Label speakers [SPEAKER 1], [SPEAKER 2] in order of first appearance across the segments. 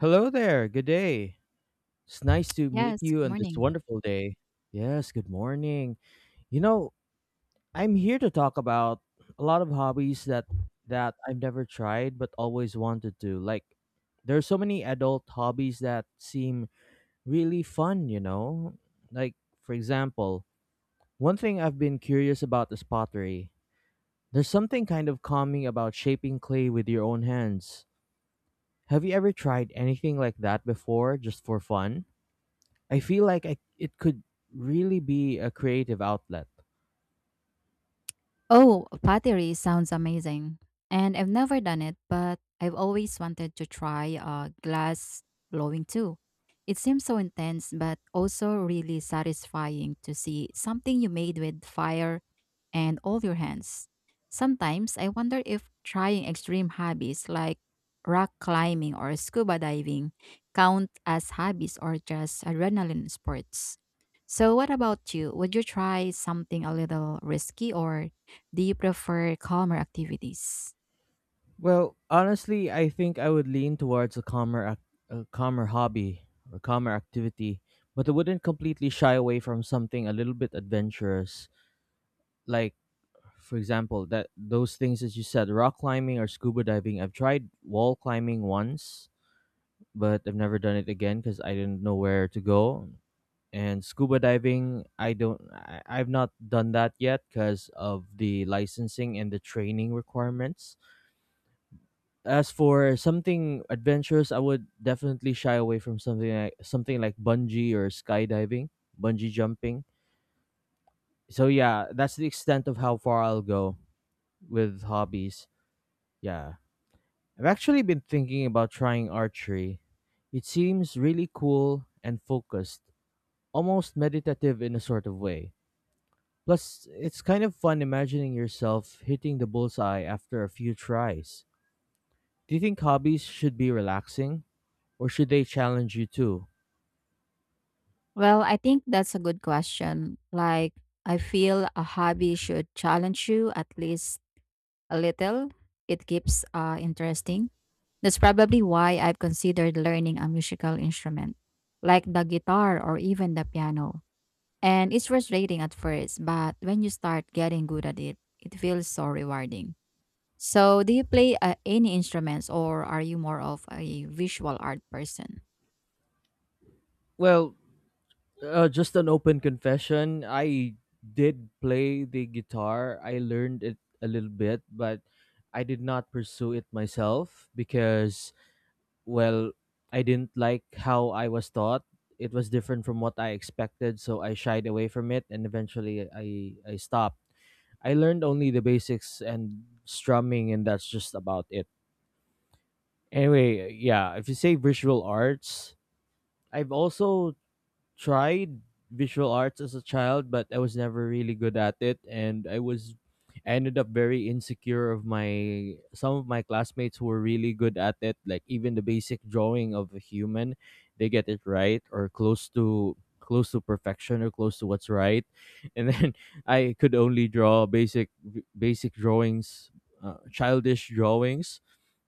[SPEAKER 1] Hello there. Good day. It's nice to meet
[SPEAKER 2] Yes,
[SPEAKER 1] you
[SPEAKER 2] good
[SPEAKER 1] on this
[SPEAKER 2] morning.
[SPEAKER 1] wonderful day. Yes, good morning. You know, I'm here to talk about a lot of hobbies that I've never tried but always wanted to. Like, there are so many adult hobbies that seem really fun, you know? Like, for example, one thing I've been curious about is pottery. There's something kind of calming about shaping clay with your own hands. Have you ever tried anything like that before just for fun? I feel like it could really be a creative outlet.
[SPEAKER 2] Oh, pottery sounds amazing. And I've never done it, but I've always wanted to try glass blowing too. It seems so intense, but also really satisfying to see something you made with fire and all your hands. Sometimes I wonder if trying extreme hobbies like rock climbing or scuba diving count as hobbies or just adrenaline sports. So, what about you? Would you try something a little risky or do you prefer calmer activities?
[SPEAKER 1] Well, honestly, I think I would lean towards a calmer, a calmer hobby or calmer activity, but I wouldn't completely shy away from something a little bit adventurous. Like, for example, that those things that you said, rock climbing or scuba diving. I've tried wall climbing once, but I've never done it again because I didn't know where to go. And scuba diving, I don't I, I've not done that yet because of the licensing and the training requirements. As for something adventurous, I would definitely shy away from something like bungee or skydiving, bungee jumping. So yeah, that's the extent of how far I'll go with hobbies. Yeah, I've actually been thinking about trying archery. It seems really cool and focused, almost meditative in a sort of way. Plus, it's kind of fun imagining yourself hitting the bullseye after a few tries. Do you think hobbies should be relaxing, or should they challenge you too?
[SPEAKER 2] Well, I think that's a good question. I feel a hobby should challenge you at least a little. It keeps interesting. That's probably why I've considered learning a musical instrument, like the guitar or even the piano. And it's frustrating at first, but when you start getting good at it, it feels so rewarding. So, do you play any instruments, or are you more of a visual art person?
[SPEAKER 1] Well, just an open confession. I did play the guitar. I learned it a little bit, but I did not pursue it myself because, well, I didn't like how I was taught. It was different from what I expected, so I shied away from it, and eventually I stopped. I learned only the basics and strumming, and that's just about it. Anyway, yeah, if you say visual arts, I've also tried visual arts as a child, but I was never really good at it, and I ended up very insecure of my some of my classmates who were really good at it, like even the basic drawing of a human. They get it right or close to perfection, or close to what's right. And then I could only draw basic drawings, childish drawings.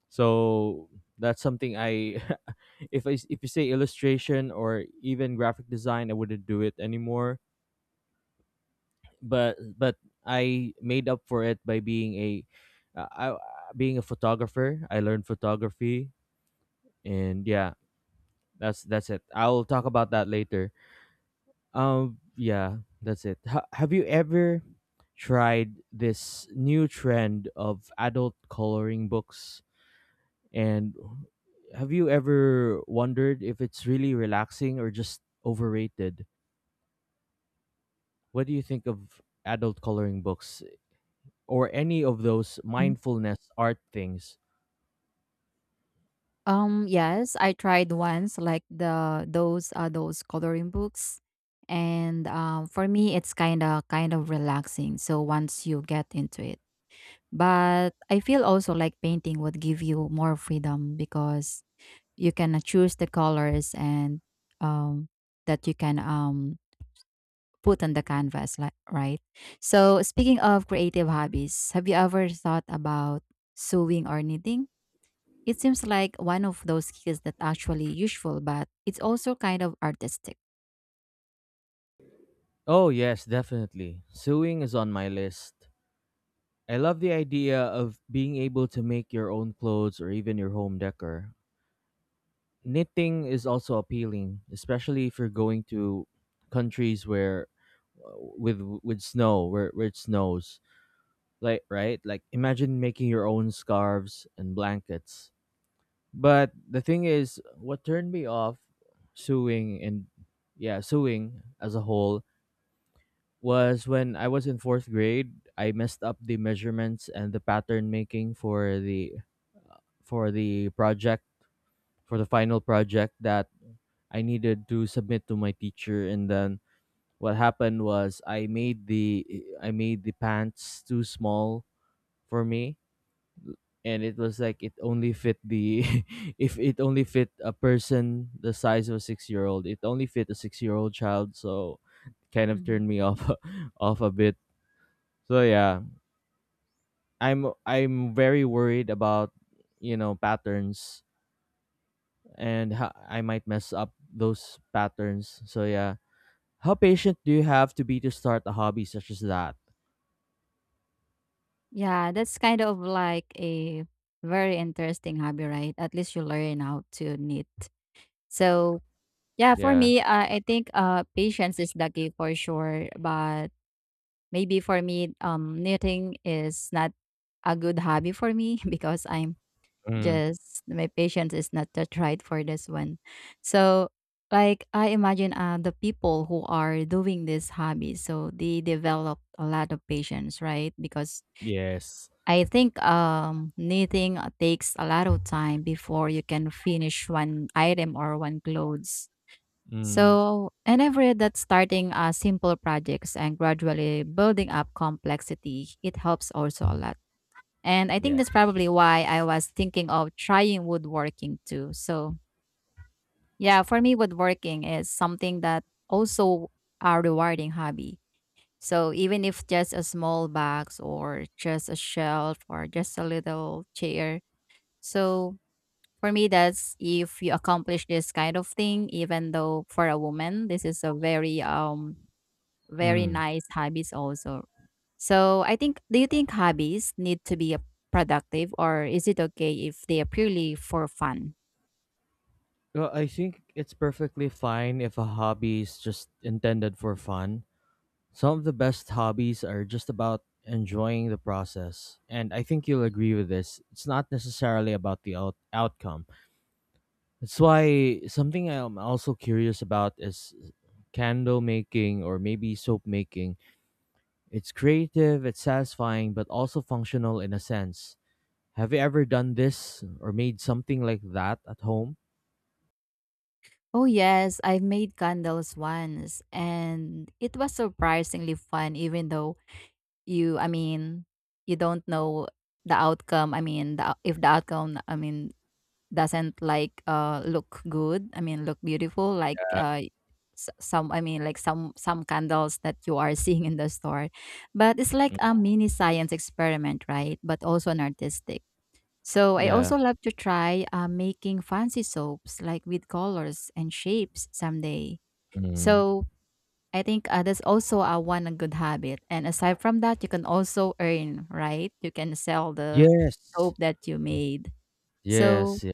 [SPEAKER 1] So that's something if I s- if you say illustration or even graphic design, I wouldn't do it anymore. But I made up for it by uh, I, uh, being a photographer. I learned photography, and yeah, that's it. I'll talk about that later. Yeah, that's it. Have you ever tried this new trend of adult coloring books? And have you ever wondered if it's really relaxing or just overrated? What do you think of adult coloring books or any of those mindfulness art things?
[SPEAKER 2] Yes, I tried once, like the those coloring books, and for me it's kind of relaxing. So once you get into it, but I feel also like painting would give you more freedom because you can choose the colors and um that you can put on the canvas, like right. So speaking of creative hobbies, have you ever thought about sewing or knitting? It seems like one of those skills that actually useful, but it's also kind of artistic.
[SPEAKER 1] Oh, yes, definitely. Sewing is on my list. I love the idea of being able to make your own clothes or even your home decor. Knitting is also appealing, especially if you're going to countries where uh, with snow, where it snows. Like, right, like, imagine making your own scarves and blankets. But the thing is, what turned me off sewing, and, yeah, sewing as a whole, was when I was in fourth grade. I messed up the measurements and the pattern making for the project for the final project that I needed to submit to my teacher. And then what happened was, I made the pants too small for me. And it was like it only fit the, if it only fit a person the size of a 6-year old. It only fit a 6-year old child, so kind of
[SPEAKER 2] Mhm.
[SPEAKER 1] turned me off. Off a bit. So yeah, I'm very worried about, patterns, and how I might mess up those patterns. So yeah, how patient do you have to be to start a hobby such as that?
[SPEAKER 2] Yeah, that's kind of like a very interesting hobby, right? At least you learn how to knit. So, yeah, for
[SPEAKER 1] Yeah.
[SPEAKER 2] me, I think patience is the key for sure. But maybe for me, knitting is not a good hobby for me because I'm
[SPEAKER 1] Mm.
[SPEAKER 2] just my patience is not that right for this one. So like I imagine the people who are doing this hobby, so they develop a lot of patience, right? Because
[SPEAKER 1] Yes.
[SPEAKER 2] I think knitting takes a lot of time before you can finish one item or one clothes.
[SPEAKER 1] Mm.
[SPEAKER 2] So, and I've read that starting simple projects and gradually building up complexity, it helps also a lot. And I think
[SPEAKER 1] Yeah.
[SPEAKER 2] that's probably why I was thinking of trying woodworking too. So, yeah, for me, woodworking is something that also a rewarding hobby. So, even if just a small box or just a shelf or just a little chair. So, for me, that's if you accomplish this kind of thing, even though for a woman, this is a very very
[SPEAKER 1] Mm.
[SPEAKER 2] nice hobbies also. So I think, do you think hobbies need to be productive, or is it okay if they are purely for fun?
[SPEAKER 1] Well, I think it's perfectly fine if a hobby is just intended for fun. Some of the best hobbies are just about enjoying the process. And I think you'll agree with this. It's not necessarily about the outcome. That's why something I'm also curious about is candle making or maybe soap making. It's creative, it's satisfying, but also functional in a sense. Have you ever done this or made something like that at home?
[SPEAKER 2] Oh yes, I've made candles once and it was surprisingly fun even though you, I mean, you don't know the outcome. I mean the, if the outcome I mean doesn't like look good, I mean look beautiful, like s- some I mean like some candles that you are seeing in the store, but it's like
[SPEAKER 1] Mm.
[SPEAKER 2] a mini science experiment, right? But also an artistic. So I
[SPEAKER 1] Yeah.
[SPEAKER 2] also love to try making fancy soaps, like with colors and shapes someday.
[SPEAKER 1] Mm.
[SPEAKER 2] So I think that's also a one a good habit, and aside from that you can also earn, right? You can sell the
[SPEAKER 1] Yes.
[SPEAKER 2] soap that you made. So
[SPEAKER 1] Yes. Yeah.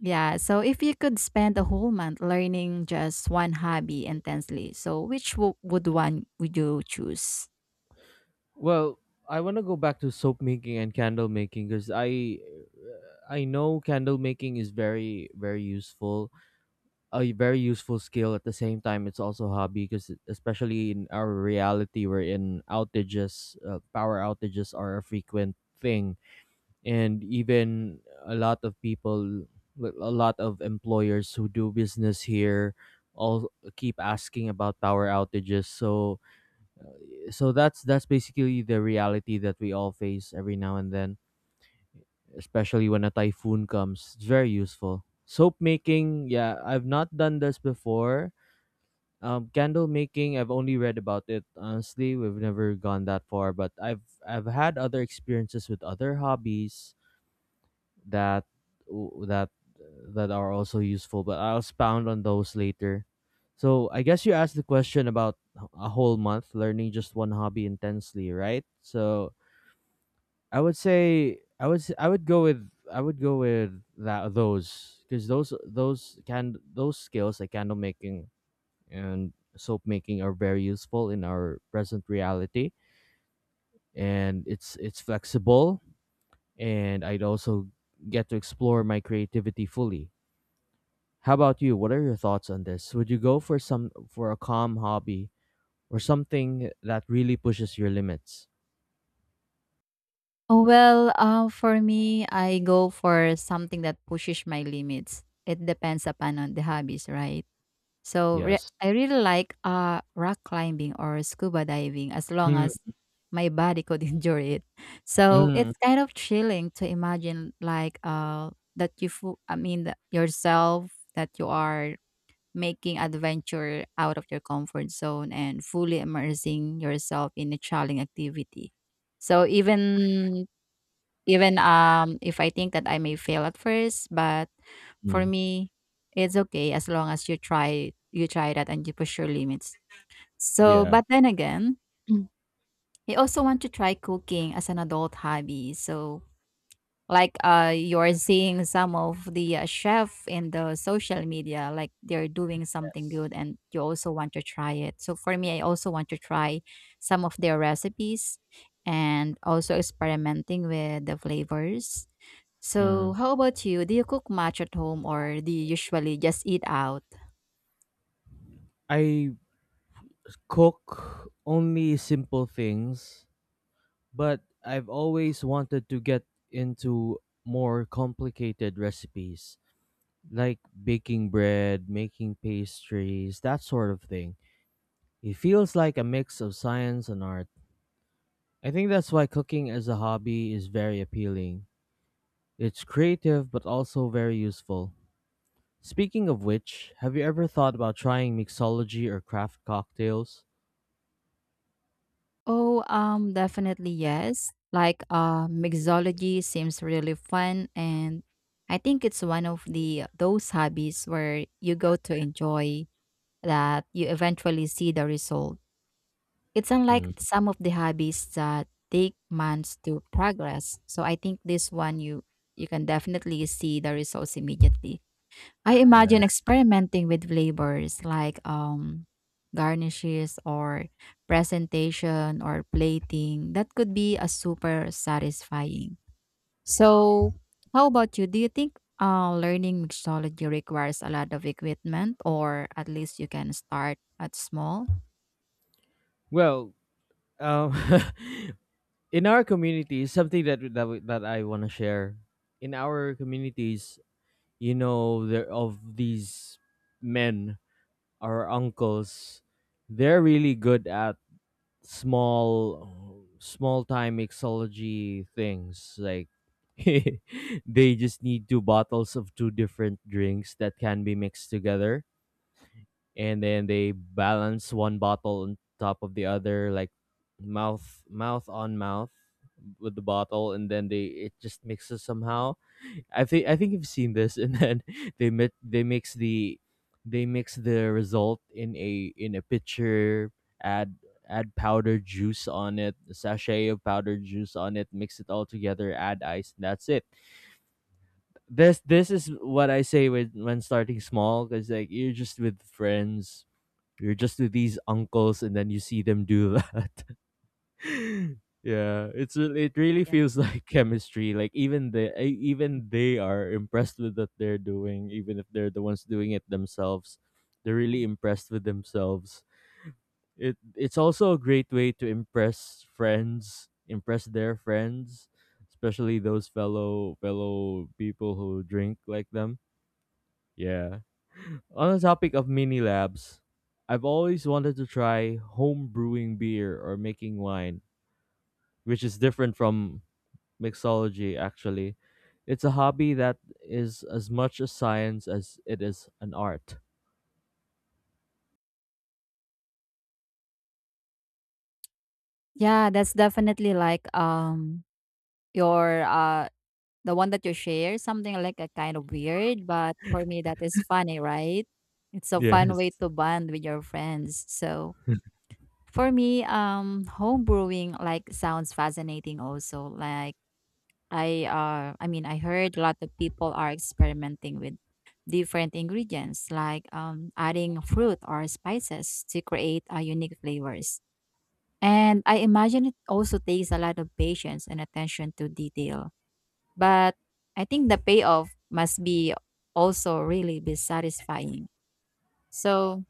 [SPEAKER 2] yeah, so if you could spend a whole month learning just one hobby intensely, so which would one would you choose?
[SPEAKER 1] Well, I want to go back to soap making and candle making because I know candle making is very very useful, a very useful skill. At the same time, it's also a hobby because, especially in our reality, we're in outages. Power outages are a frequent thing, and even a lot of people, a lot of employers who do business here, all keep asking about power outages. So that's basically the reality that we all face every now and then, especially when a typhoon comes. It's very useful. Soap making, yeah, I've not done this before. Candle making, I've only read about it, honestly. We've never gone that far, but I've had other experiences with other hobbies that that that are also useful, but I'll expound on those later. So I guess you asked the question about a whole month learning just one hobby intensely, right? So I would say, I would go with that those, because those skills like candle making and soap making are very useful in our present reality. And it's flexible. And I'd also get to explore my creativity fully. How about you? What are your thoughts on this? Would you go for a calm hobby or something that really pushes your limits?
[SPEAKER 2] Oh well, for me, I go for something that pushes my limits. It depends upon on the hobbies, right? So
[SPEAKER 1] Yes.
[SPEAKER 2] I really like rock climbing or scuba diving as long
[SPEAKER 1] Mm,
[SPEAKER 2] as my body could endure it. So
[SPEAKER 1] mm,
[SPEAKER 2] it's kind of chilling to imagine like that you I mean that yourself that you are making adventure out of your comfort zone and fully immersing yourself in a challenging activity. So even if I think that I may fail at first, but for
[SPEAKER 1] mm.
[SPEAKER 2] me it's okay as long as you try that and you push your limits. So
[SPEAKER 1] Yeah.
[SPEAKER 2] but then again, I also want to try cooking as an adult hobby. So like, you're seeing some of the chef in the social media, like they're doing something
[SPEAKER 1] Yes.
[SPEAKER 2] good and you also want to try it. So for me, I also want to try some of their recipes and also experimenting with the flavors. So
[SPEAKER 1] Mm.
[SPEAKER 2] how about you? Do you cook much at home, or do you usually just eat out?
[SPEAKER 1] I cook only simple things, but I've always wanted to get into more complicated recipes, like baking bread, making pastries, that sort of thing. It feels like a mix of science and art. I think that's why cooking as a hobby is very appealing. It's creative, but also very useful. Speaking of which, have you ever thought about trying mixology or craft cocktails?
[SPEAKER 2] Oh, definitely yes. Like, mixology seems really fun, and I think it's one of the those hobbies where you go to enjoy that you eventually see the result. It's unlike
[SPEAKER 1] Hmm,
[SPEAKER 2] some of the hobbies that take months to progress. So I think this one you can definitely see the results immediately. I imagine
[SPEAKER 1] yeah.
[SPEAKER 2] experimenting with flavors like garnishes or presentation or plating. That could be a super satisfying. So, how about you? Do you think learning mixology requires a lot of equipment, or at least you can start at small?
[SPEAKER 1] Well, Um, in our communities, something that I want to share. In our communities, there of these men, our uncles, they're really good at small, small time mixology things. Like, they just need two bottles of two different drinks that can be mixed together, and then they balance one bottle on top of the other, like mouth on mouth with the bottle, and then they it just mixes somehow. I think you've seen this. And then they mit- they mix the they mix the result in a pitcher. Add add powdered juice on it a sachet of powdered juice on it, mix it all together, add ice, and that's it. This is what I say when starting small, because like, you're just with friends, you're just with these uncles, and then you see them do that. Yeah, it's it really
[SPEAKER 2] Yeah.
[SPEAKER 1] feels like chemistry. Like, even they are impressed with what they're doing, even if they're the ones doing it themselves. They're really
[SPEAKER 2] Mhm.
[SPEAKER 1] impressed with themselves. It's also a great way to impress their friends, especially those fellow people who drink like them. Yeah. On the topic of mini labs, I've always wanted to try home brewing beer or making wine, which is different from mixology, actually. It's a hobby that is as much a science as it is an art.
[SPEAKER 2] Yeah, that's definitely like your the one that you share, something like a kind of weird, but for me that is funny, right? It's a fun way
[SPEAKER 1] Yes.
[SPEAKER 2] to bond with your friends. So for me, home brewing like sounds fascinating also. Like I mean I heard a lot of people are experimenting with different ingredients like adding fruit or spices to create unique flavors. And I imagine it also takes a lot of patience and attention to detail, but I think the payoff must be also really be satisfying. So,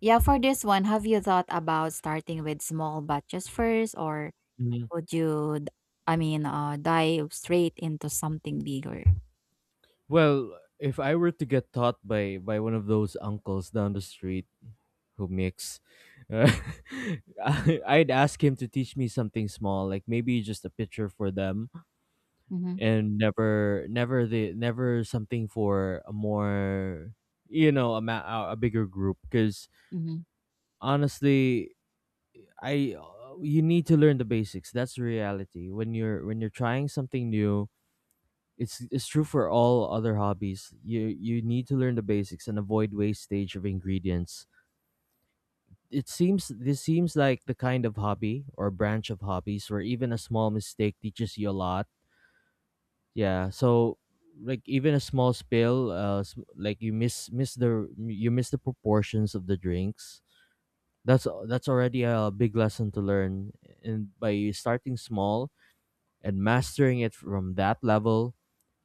[SPEAKER 2] yeah, for this one, have you thought about starting with small batches first, or
[SPEAKER 1] Mhm.
[SPEAKER 2] would you I mean, dive straight into something bigger?
[SPEAKER 1] Well, if I were to get taught by one of those uncles down the street who mix, uh, I'd ask him to teach me something small, like maybe just a picture for them,
[SPEAKER 2] Hmm.
[SPEAKER 1] and never something for a more you know a ma- a bigger group. Because
[SPEAKER 2] Hmm.
[SPEAKER 1] honestly, I you need to learn the basics. That's the reality when you're trying something new. It's true for all other hobbies. You need to learn the basics and avoid wastage of ingredients. It seems This seems like the kind of hobby or branch of hobbies where even a small mistake teaches you a lot. Yeah, so, like, even a small spill, like you miss the proportions of the drinks. That's already a big lesson to learn, and by starting small and mastering it from that level,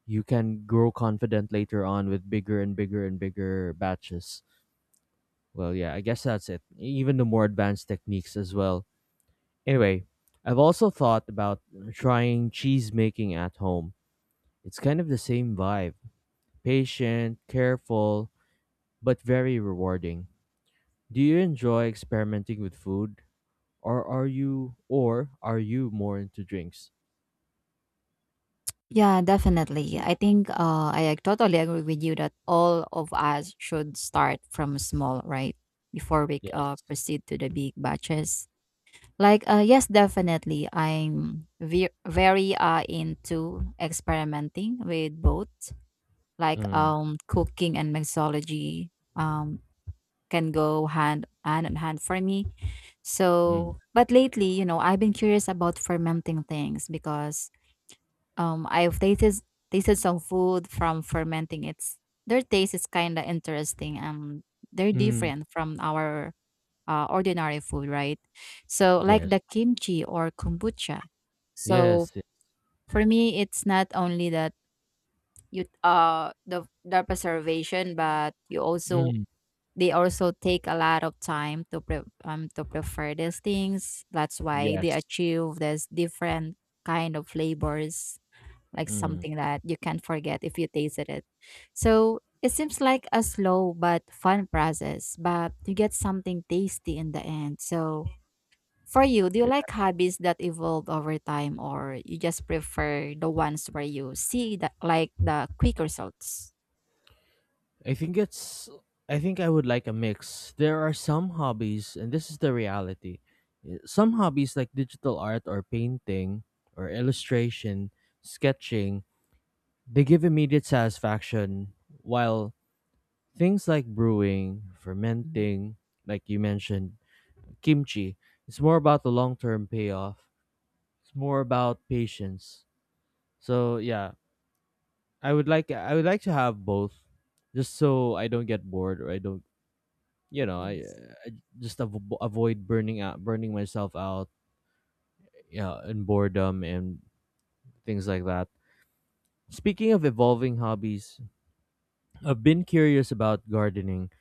[SPEAKER 1] you can grow confident later on with bigger and bigger and bigger batches. Well, yeah, I guess that's it. Even the more advanced techniques as well. Anyway, I've also thought about trying cheese making at home. It's kind of the same vibe patient, careful, but very rewarding. Do you enjoy experimenting with food or are you more into drinks?
[SPEAKER 2] Yeah, definitely. I think I totally agree with you that all of us should start from small, right? Before we
[SPEAKER 1] Yes.
[SPEAKER 2] proceed to the big batches. Like, yes, definitely. I'm very into experimenting with both, like
[SPEAKER 1] Mm,
[SPEAKER 2] cooking and mixology um, can go hand in hand for me.
[SPEAKER 1] mm,
[SPEAKER 2] So, but lately, you know, I've been curious about fermenting things because I've tasted some food from fermenting. It's their taste is kind of interesting and they're
[SPEAKER 1] mm,
[SPEAKER 2] different from our ordinary food, right? So, like
[SPEAKER 1] yes.
[SPEAKER 2] the kimchi or kombucha. So,
[SPEAKER 1] Yes.
[SPEAKER 2] for me, it's not only that you the preservation, but you also
[SPEAKER 1] Mm,
[SPEAKER 2] they also take a lot of time to to prepare these things. That's why they
[SPEAKER 1] yes.
[SPEAKER 2] achieve this different kind of flavors, like
[SPEAKER 1] Mm,
[SPEAKER 2] something that you can't forget if you tasted it. So. It seems like a slow but fun process, but you get something tasty in the end. So, for you, do you
[SPEAKER 1] yeah.
[SPEAKER 2] like hobbies that evolve over time, or you just prefer the ones where you see that like the quick results?
[SPEAKER 1] I think it's I think I would like a mix. There are some hobbies and this is the reality. Some hobbies like digital art or painting or illustration, sketching, they give immediate satisfaction while things like brewing,
[SPEAKER 2] Mhm.
[SPEAKER 1] fermenting, like you mentioned, kimchi, it's more about the long term payoff. It's more about patience. So yeah, I would like to have both, just so I don't get bored or I don't you know
[SPEAKER 2] Yes.
[SPEAKER 1] I just avoid burning myself out, yeah, in boredom and things like that. Speaking of evolving hobbies, I've been curious about gardening,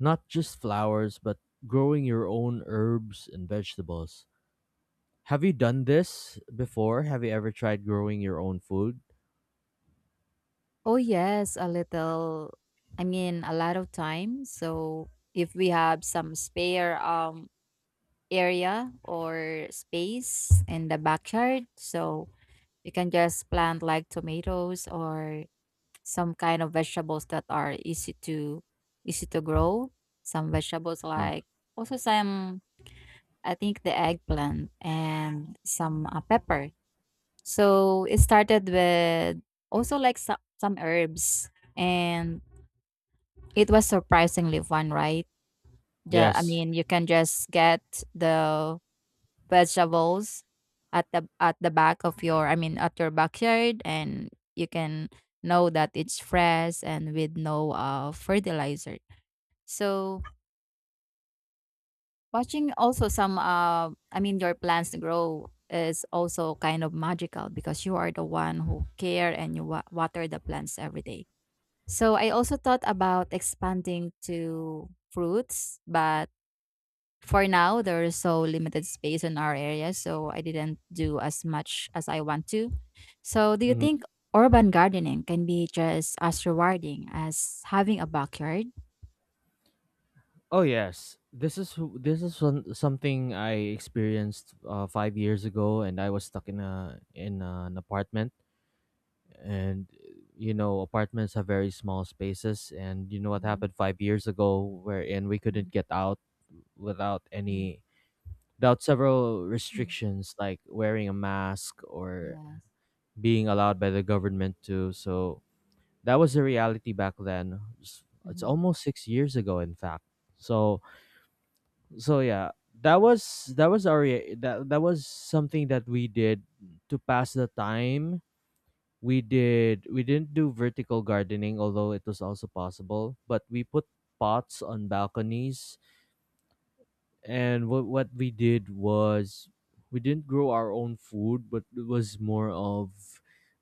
[SPEAKER 1] not just flowers, but growing your own herbs and vegetables. Have you done this before? Have you ever tried growing your own food?
[SPEAKER 2] Oh yes, a little. I mean, a lot of time. So if we have some spare area or space in the backyard, so you can just plant like tomatoes or some kind of vegetables that are easy to grow. Some vegetables
[SPEAKER 1] Mm.
[SPEAKER 2] like also some I think the eggplant and some pepper. So it started with also like some herbs, and it was surprisingly fun, right? The, I
[SPEAKER 1] Yes.
[SPEAKER 2] mean, you can just get the vegetables at the back of your, I mean, at your backyard, and you can know that it's fresh and with no fertilizer. So watching also some, I mean, your plants grow is also kind of magical because you are the one who care and you water the plants every day. So I also thought about expanding to fruits, but for now there is so limited space in our area, so I didn't do as much as I want to. So do you
[SPEAKER 1] Mhm.
[SPEAKER 2] think urban gardening can be just as rewarding as having a backyard?
[SPEAKER 1] Oh yes. This is something I experienced 5 years ago, and I was stuck in a in an apartment, and you know apartments have very small spaces, and you know what
[SPEAKER 2] Mhm,
[SPEAKER 1] happened 5 years ago, wherein we couldn't
[SPEAKER 2] mhm,
[SPEAKER 1] get out without
[SPEAKER 2] mhm.
[SPEAKER 1] any, without several
[SPEAKER 2] Mhm.
[SPEAKER 1] restrictions like wearing a mask or being allowed by the government to, so that was the reality back then. It's
[SPEAKER 2] Yes.
[SPEAKER 1] almost 6 years ago, in fact. So so yeah, that was that that was something that we did to pass the time. We didn't do vertical gardening, although it was also possible, but we put pots on balconies, and what we did was we didn't grow our own food, but it was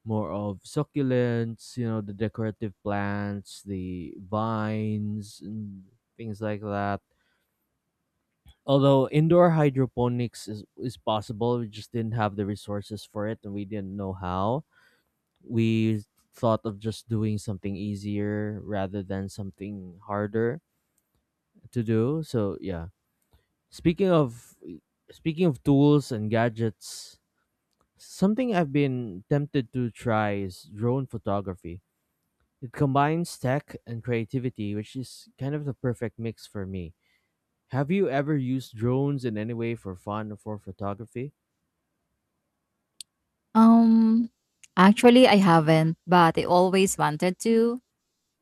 [SPEAKER 1] more of succulents, you know, the decorative plants, the vines and things like that. Although indoor hydroponics is possible, we just didn't have the resources for it and we didn't know how. We thought of just doing something easier rather than something harder to do, so yeah. Speaking of Speaking of tools and gadgets, something I've been tempted to try is drone photography. It combines tech and creativity, which is kind of the perfect mix for me. Have you ever used drones in any way for fun or for photography?
[SPEAKER 2] Um, actually, I haven't, but I always wanted to.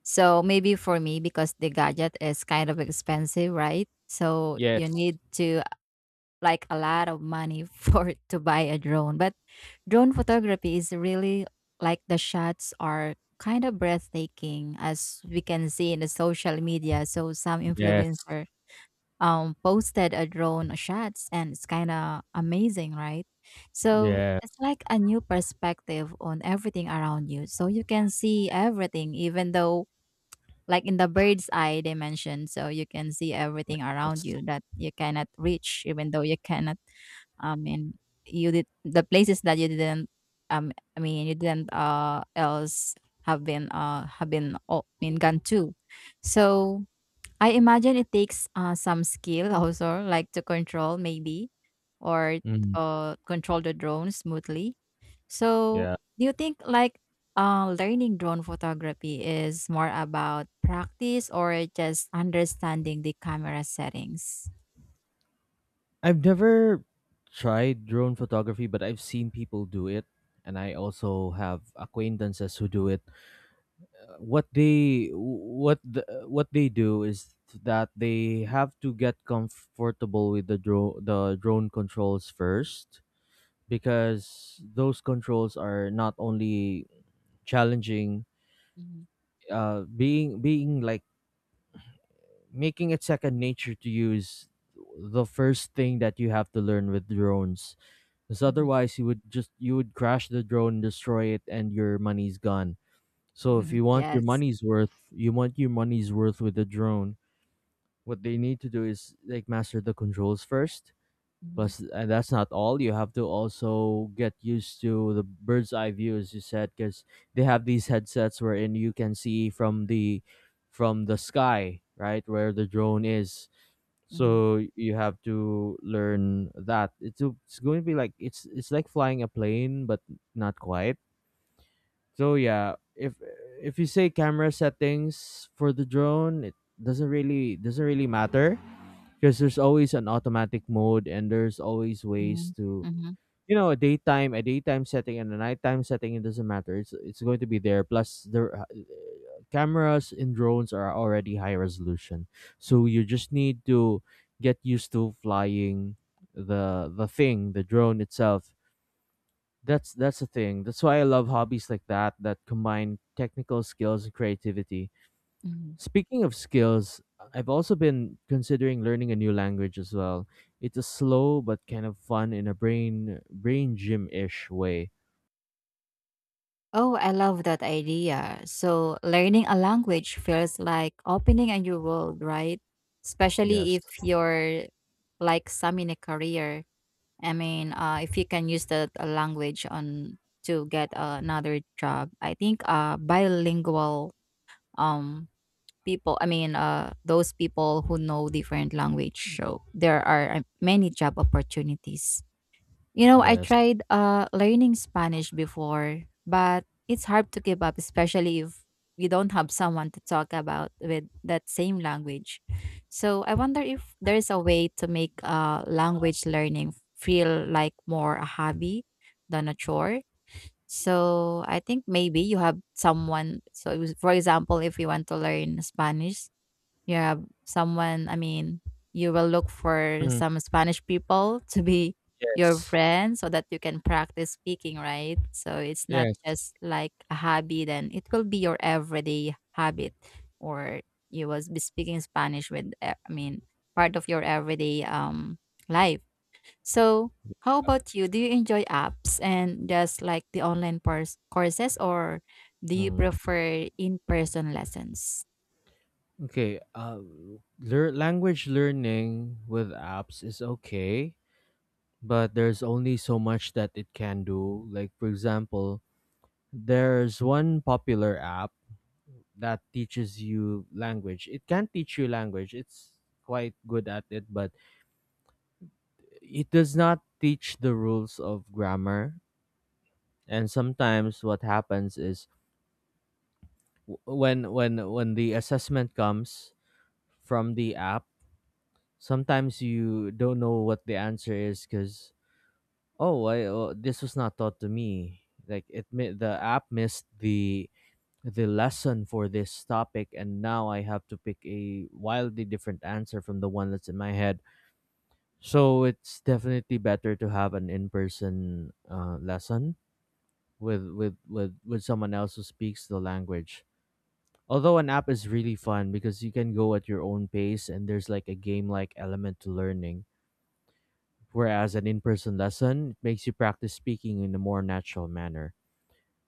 [SPEAKER 2] So maybe for me, because the gadget is kind of expensive, right? So you
[SPEAKER 1] Yes.
[SPEAKER 2] need to like a lot of money for to buy a drone. But drone photography is really like the shots are kind of breathtaking, as we can see in the social media. So some
[SPEAKER 1] Yes.
[SPEAKER 2] influencer posted a drone shots, and it's kind of amazing, right? So it's
[SPEAKER 1] Yes.
[SPEAKER 2] like a new perspective on everything around you, so you can see everything even though like in the bird's eye dimension. So you can see everything around you that you cannot reach even though you cannot i mean you did the places that you didn't you didn't else have been gone to. So I imagine it takes some skill also, like to control maybe, or
[SPEAKER 1] Mm,
[SPEAKER 2] control the drone smoothly. So,
[SPEAKER 1] yeah.
[SPEAKER 2] do you think like learning drone photography is more about practice or just understanding the camera settings?
[SPEAKER 1] I've never tried drone photography, but I've seen people do it, and I also have acquaintances who do it. What they do is that they have to get comfortable with the the drone controls first, because those controls are not only challenging,
[SPEAKER 2] Mhm,
[SPEAKER 1] being like making it second nature to use the first thing that you have to learn with drones, because
[SPEAKER 2] mhm,
[SPEAKER 1] otherwise you would just you would crash the drone, destroy it, and your money's gone. So if
[SPEAKER 2] mhm.
[SPEAKER 1] you want your
[SPEAKER 2] Yes.
[SPEAKER 1] money's worth, with the drone, what they need to do is like master the controls first.
[SPEAKER 2] Mhm,
[SPEAKER 1] Plus, and that's not all. You have to also get used to the bird's eye view, as you said, because they have these headsets wherein you can see from the sky, right, where the drone is.
[SPEAKER 2] mhm,
[SPEAKER 1] So you have to learn that. It's going to be like, it's like flying a plane, but not quite. So yeah, if you say camera settings for the drone, it doesn't really matter because there's always an automatic mode and there's always ways
[SPEAKER 2] mhm,
[SPEAKER 1] to,
[SPEAKER 2] mhm,
[SPEAKER 1] you know, a daytime setting and a nighttime setting. It doesn't matter, it's going to be there. Plus the cameras in drones are already high resolution, so you just need to get used to flying the drone itself. That's the thing. That's why I love hobbies like that, that combine technical skills and creativity.
[SPEAKER 2] mhm.
[SPEAKER 1] Speaking of skills, I've also been considering learning a new language as well. It's a slow but kind of fun in a brain gym ish way.
[SPEAKER 2] Oh, I love that idea. So, learning a language feels like opening a new world, right? Especially
[SPEAKER 1] Yes.
[SPEAKER 2] if you're like some in a career. I mean, if you can use that language on to get another job, I think bilingual um people. I mean, those people who know different language. So there are many job opportunities. You know, I
[SPEAKER 1] Yes.
[SPEAKER 2] tried learning Spanish before, but it's hard to keep up, especially if you don't have someone to talk about with that same language. So I wonder if there's a way to make language learning feel like more a hobby than a chore. So I think maybe you have someone. So for example, if you want to learn Spanish, yeah, someone, I mean, you will look for
[SPEAKER 1] Mm,
[SPEAKER 2] some Spanish people to be your
[SPEAKER 1] Yes.
[SPEAKER 2] friend so that you can practice speaking, right? So it's not
[SPEAKER 1] Yes.
[SPEAKER 2] just like a hobby, then it will be your everyday habit, or you will be speaking Spanish with, part of your everyday life. So how about you? Do you enjoy apps and just like the courses, or do you
[SPEAKER 1] Mm.
[SPEAKER 2] prefer in-person lessons?
[SPEAKER 1] Okay. Language learning with apps is okay, but there's only so much that it can do. Like for example, there's one popular app that teaches you language. It can teach you language. It's quite good at it, but it does not teach the rules of grammar. And sometimes what happens is, when the assessment comes from the app, sometimes you don't know what the answer is because, oh, oh this was not taught to me. Like the app missed the lesson for this topic, and now I have to pick a wildly different answer from the one that's in my head. So it's definitely better to have an in-person lesson with, with someone else who speaks the language. Although an app is really fun because you can go at your own pace and there's like a game-like element to learning. Whereas an in-person lesson, it makes you practice speaking in a more natural manner.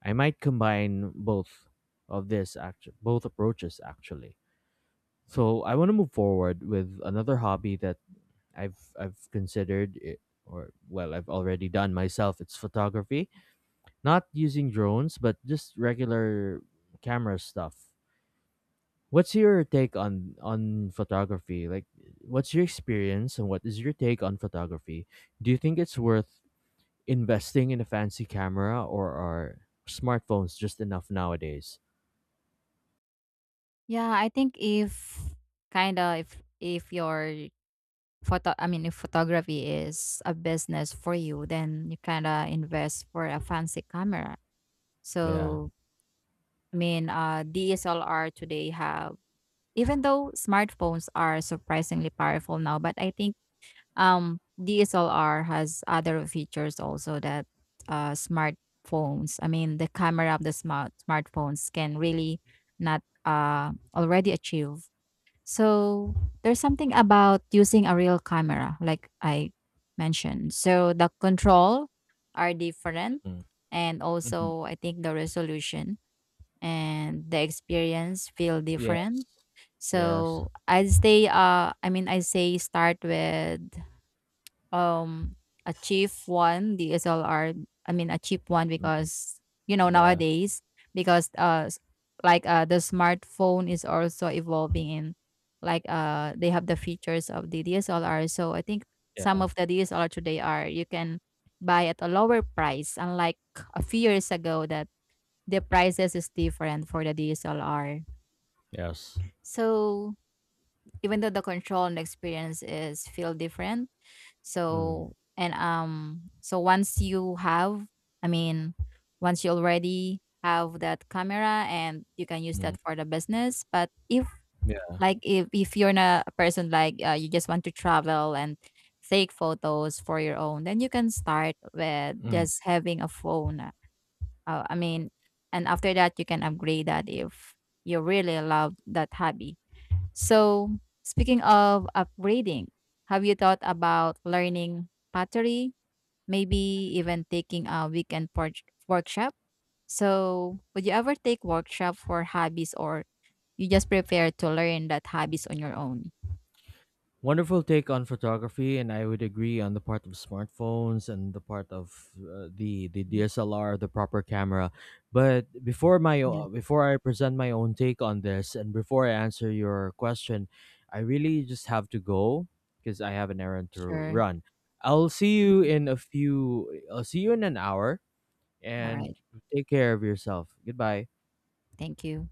[SPEAKER 1] I might combine both of this actually, both approaches actually. So I want to move forward with another hobby that I've considered, it or well I've already done myself, it's photography, not using drones but just regular camera stuff. What's your take on photography, like what's your experience and what is your take on photography? Do you think it's worth investing in a fancy camera or are smartphones just enough nowadays?
[SPEAKER 2] Yeah, I think if kind of if your photo I mean if photography is a business for you, then you kind of invest for a fancy camera.
[SPEAKER 1] Yeah.
[SPEAKER 2] So, I mean, DSLR today have, even though smartphones are surprisingly powerful now, but I think DSLR has other features also that smartphones, I mean the camera of the smartphones can really not already achieve. So there's something about using a real camera, like I mentioned. So the control are different,
[SPEAKER 1] mm
[SPEAKER 2] and
[SPEAKER 1] Mhm.
[SPEAKER 2] also I think the resolution and the experience feel different.
[SPEAKER 1] Yes. Yes.
[SPEAKER 2] So I say, I say start with um a cheap one DSLR, I mean a cheap one,
[SPEAKER 1] mm
[SPEAKER 2] because you know
[SPEAKER 1] yeah.
[SPEAKER 2] nowadays, because like the smartphone is also evolving in, like they have the features of the DSLR, so I think some
[SPEAKER 1] Yeah.
[SPEAKER 2] of the DSLR today are, you can buy at a lower price, unlike a few years ago that the prices is different for the DSLR.
[SPEAKER 1] Yes.
[SPEAKER 2] So even though the control and experience is feel different.
[SPEAKER 1] mm
[SPEAKER 2] So and so once you have, i mean once you already have that camera, and you can use that
[SPEAKER 1] mm.
[SPEAKER 2] for the business. But if like if you're not a person like you just want to travel and take photos for your own, then you can start with
[SPEAKER 1] Yeah.
[SPEAKER 2] just having a phone. uh, i mean and after that, you can upgrade that if you really love that hobby. So, speaking of upgrading, have you thought about learning pottery? Maybe even taking a weekend workshop? So, would you ever take workshop for hobbies, or you just prepare to learn that hobbies on your own?
[SPEAKER 1] Wonderful take on photography, and I would agree on the part of smartphones and the part of the
[SPEAKER 2] Mhm.
[SPEAKER 1] DSLR, the proper camera. But
[SPEAKER 2] Yes,
[SPEAKER 1] before I present my own take on this, and before I answer your question, I really just have to go because I have an errand to
[SPEAKER 2] sure.
[SPEAKER 1] run. I'll see you in a few. I'll see you in an hour,
[SPEAKER 2] All
[SPEAKER 1] and
[SPEAKER 2] right.
[SPEAKER 1] take care of yourself. Goodbye.
[SPEAKER 2] Thank you.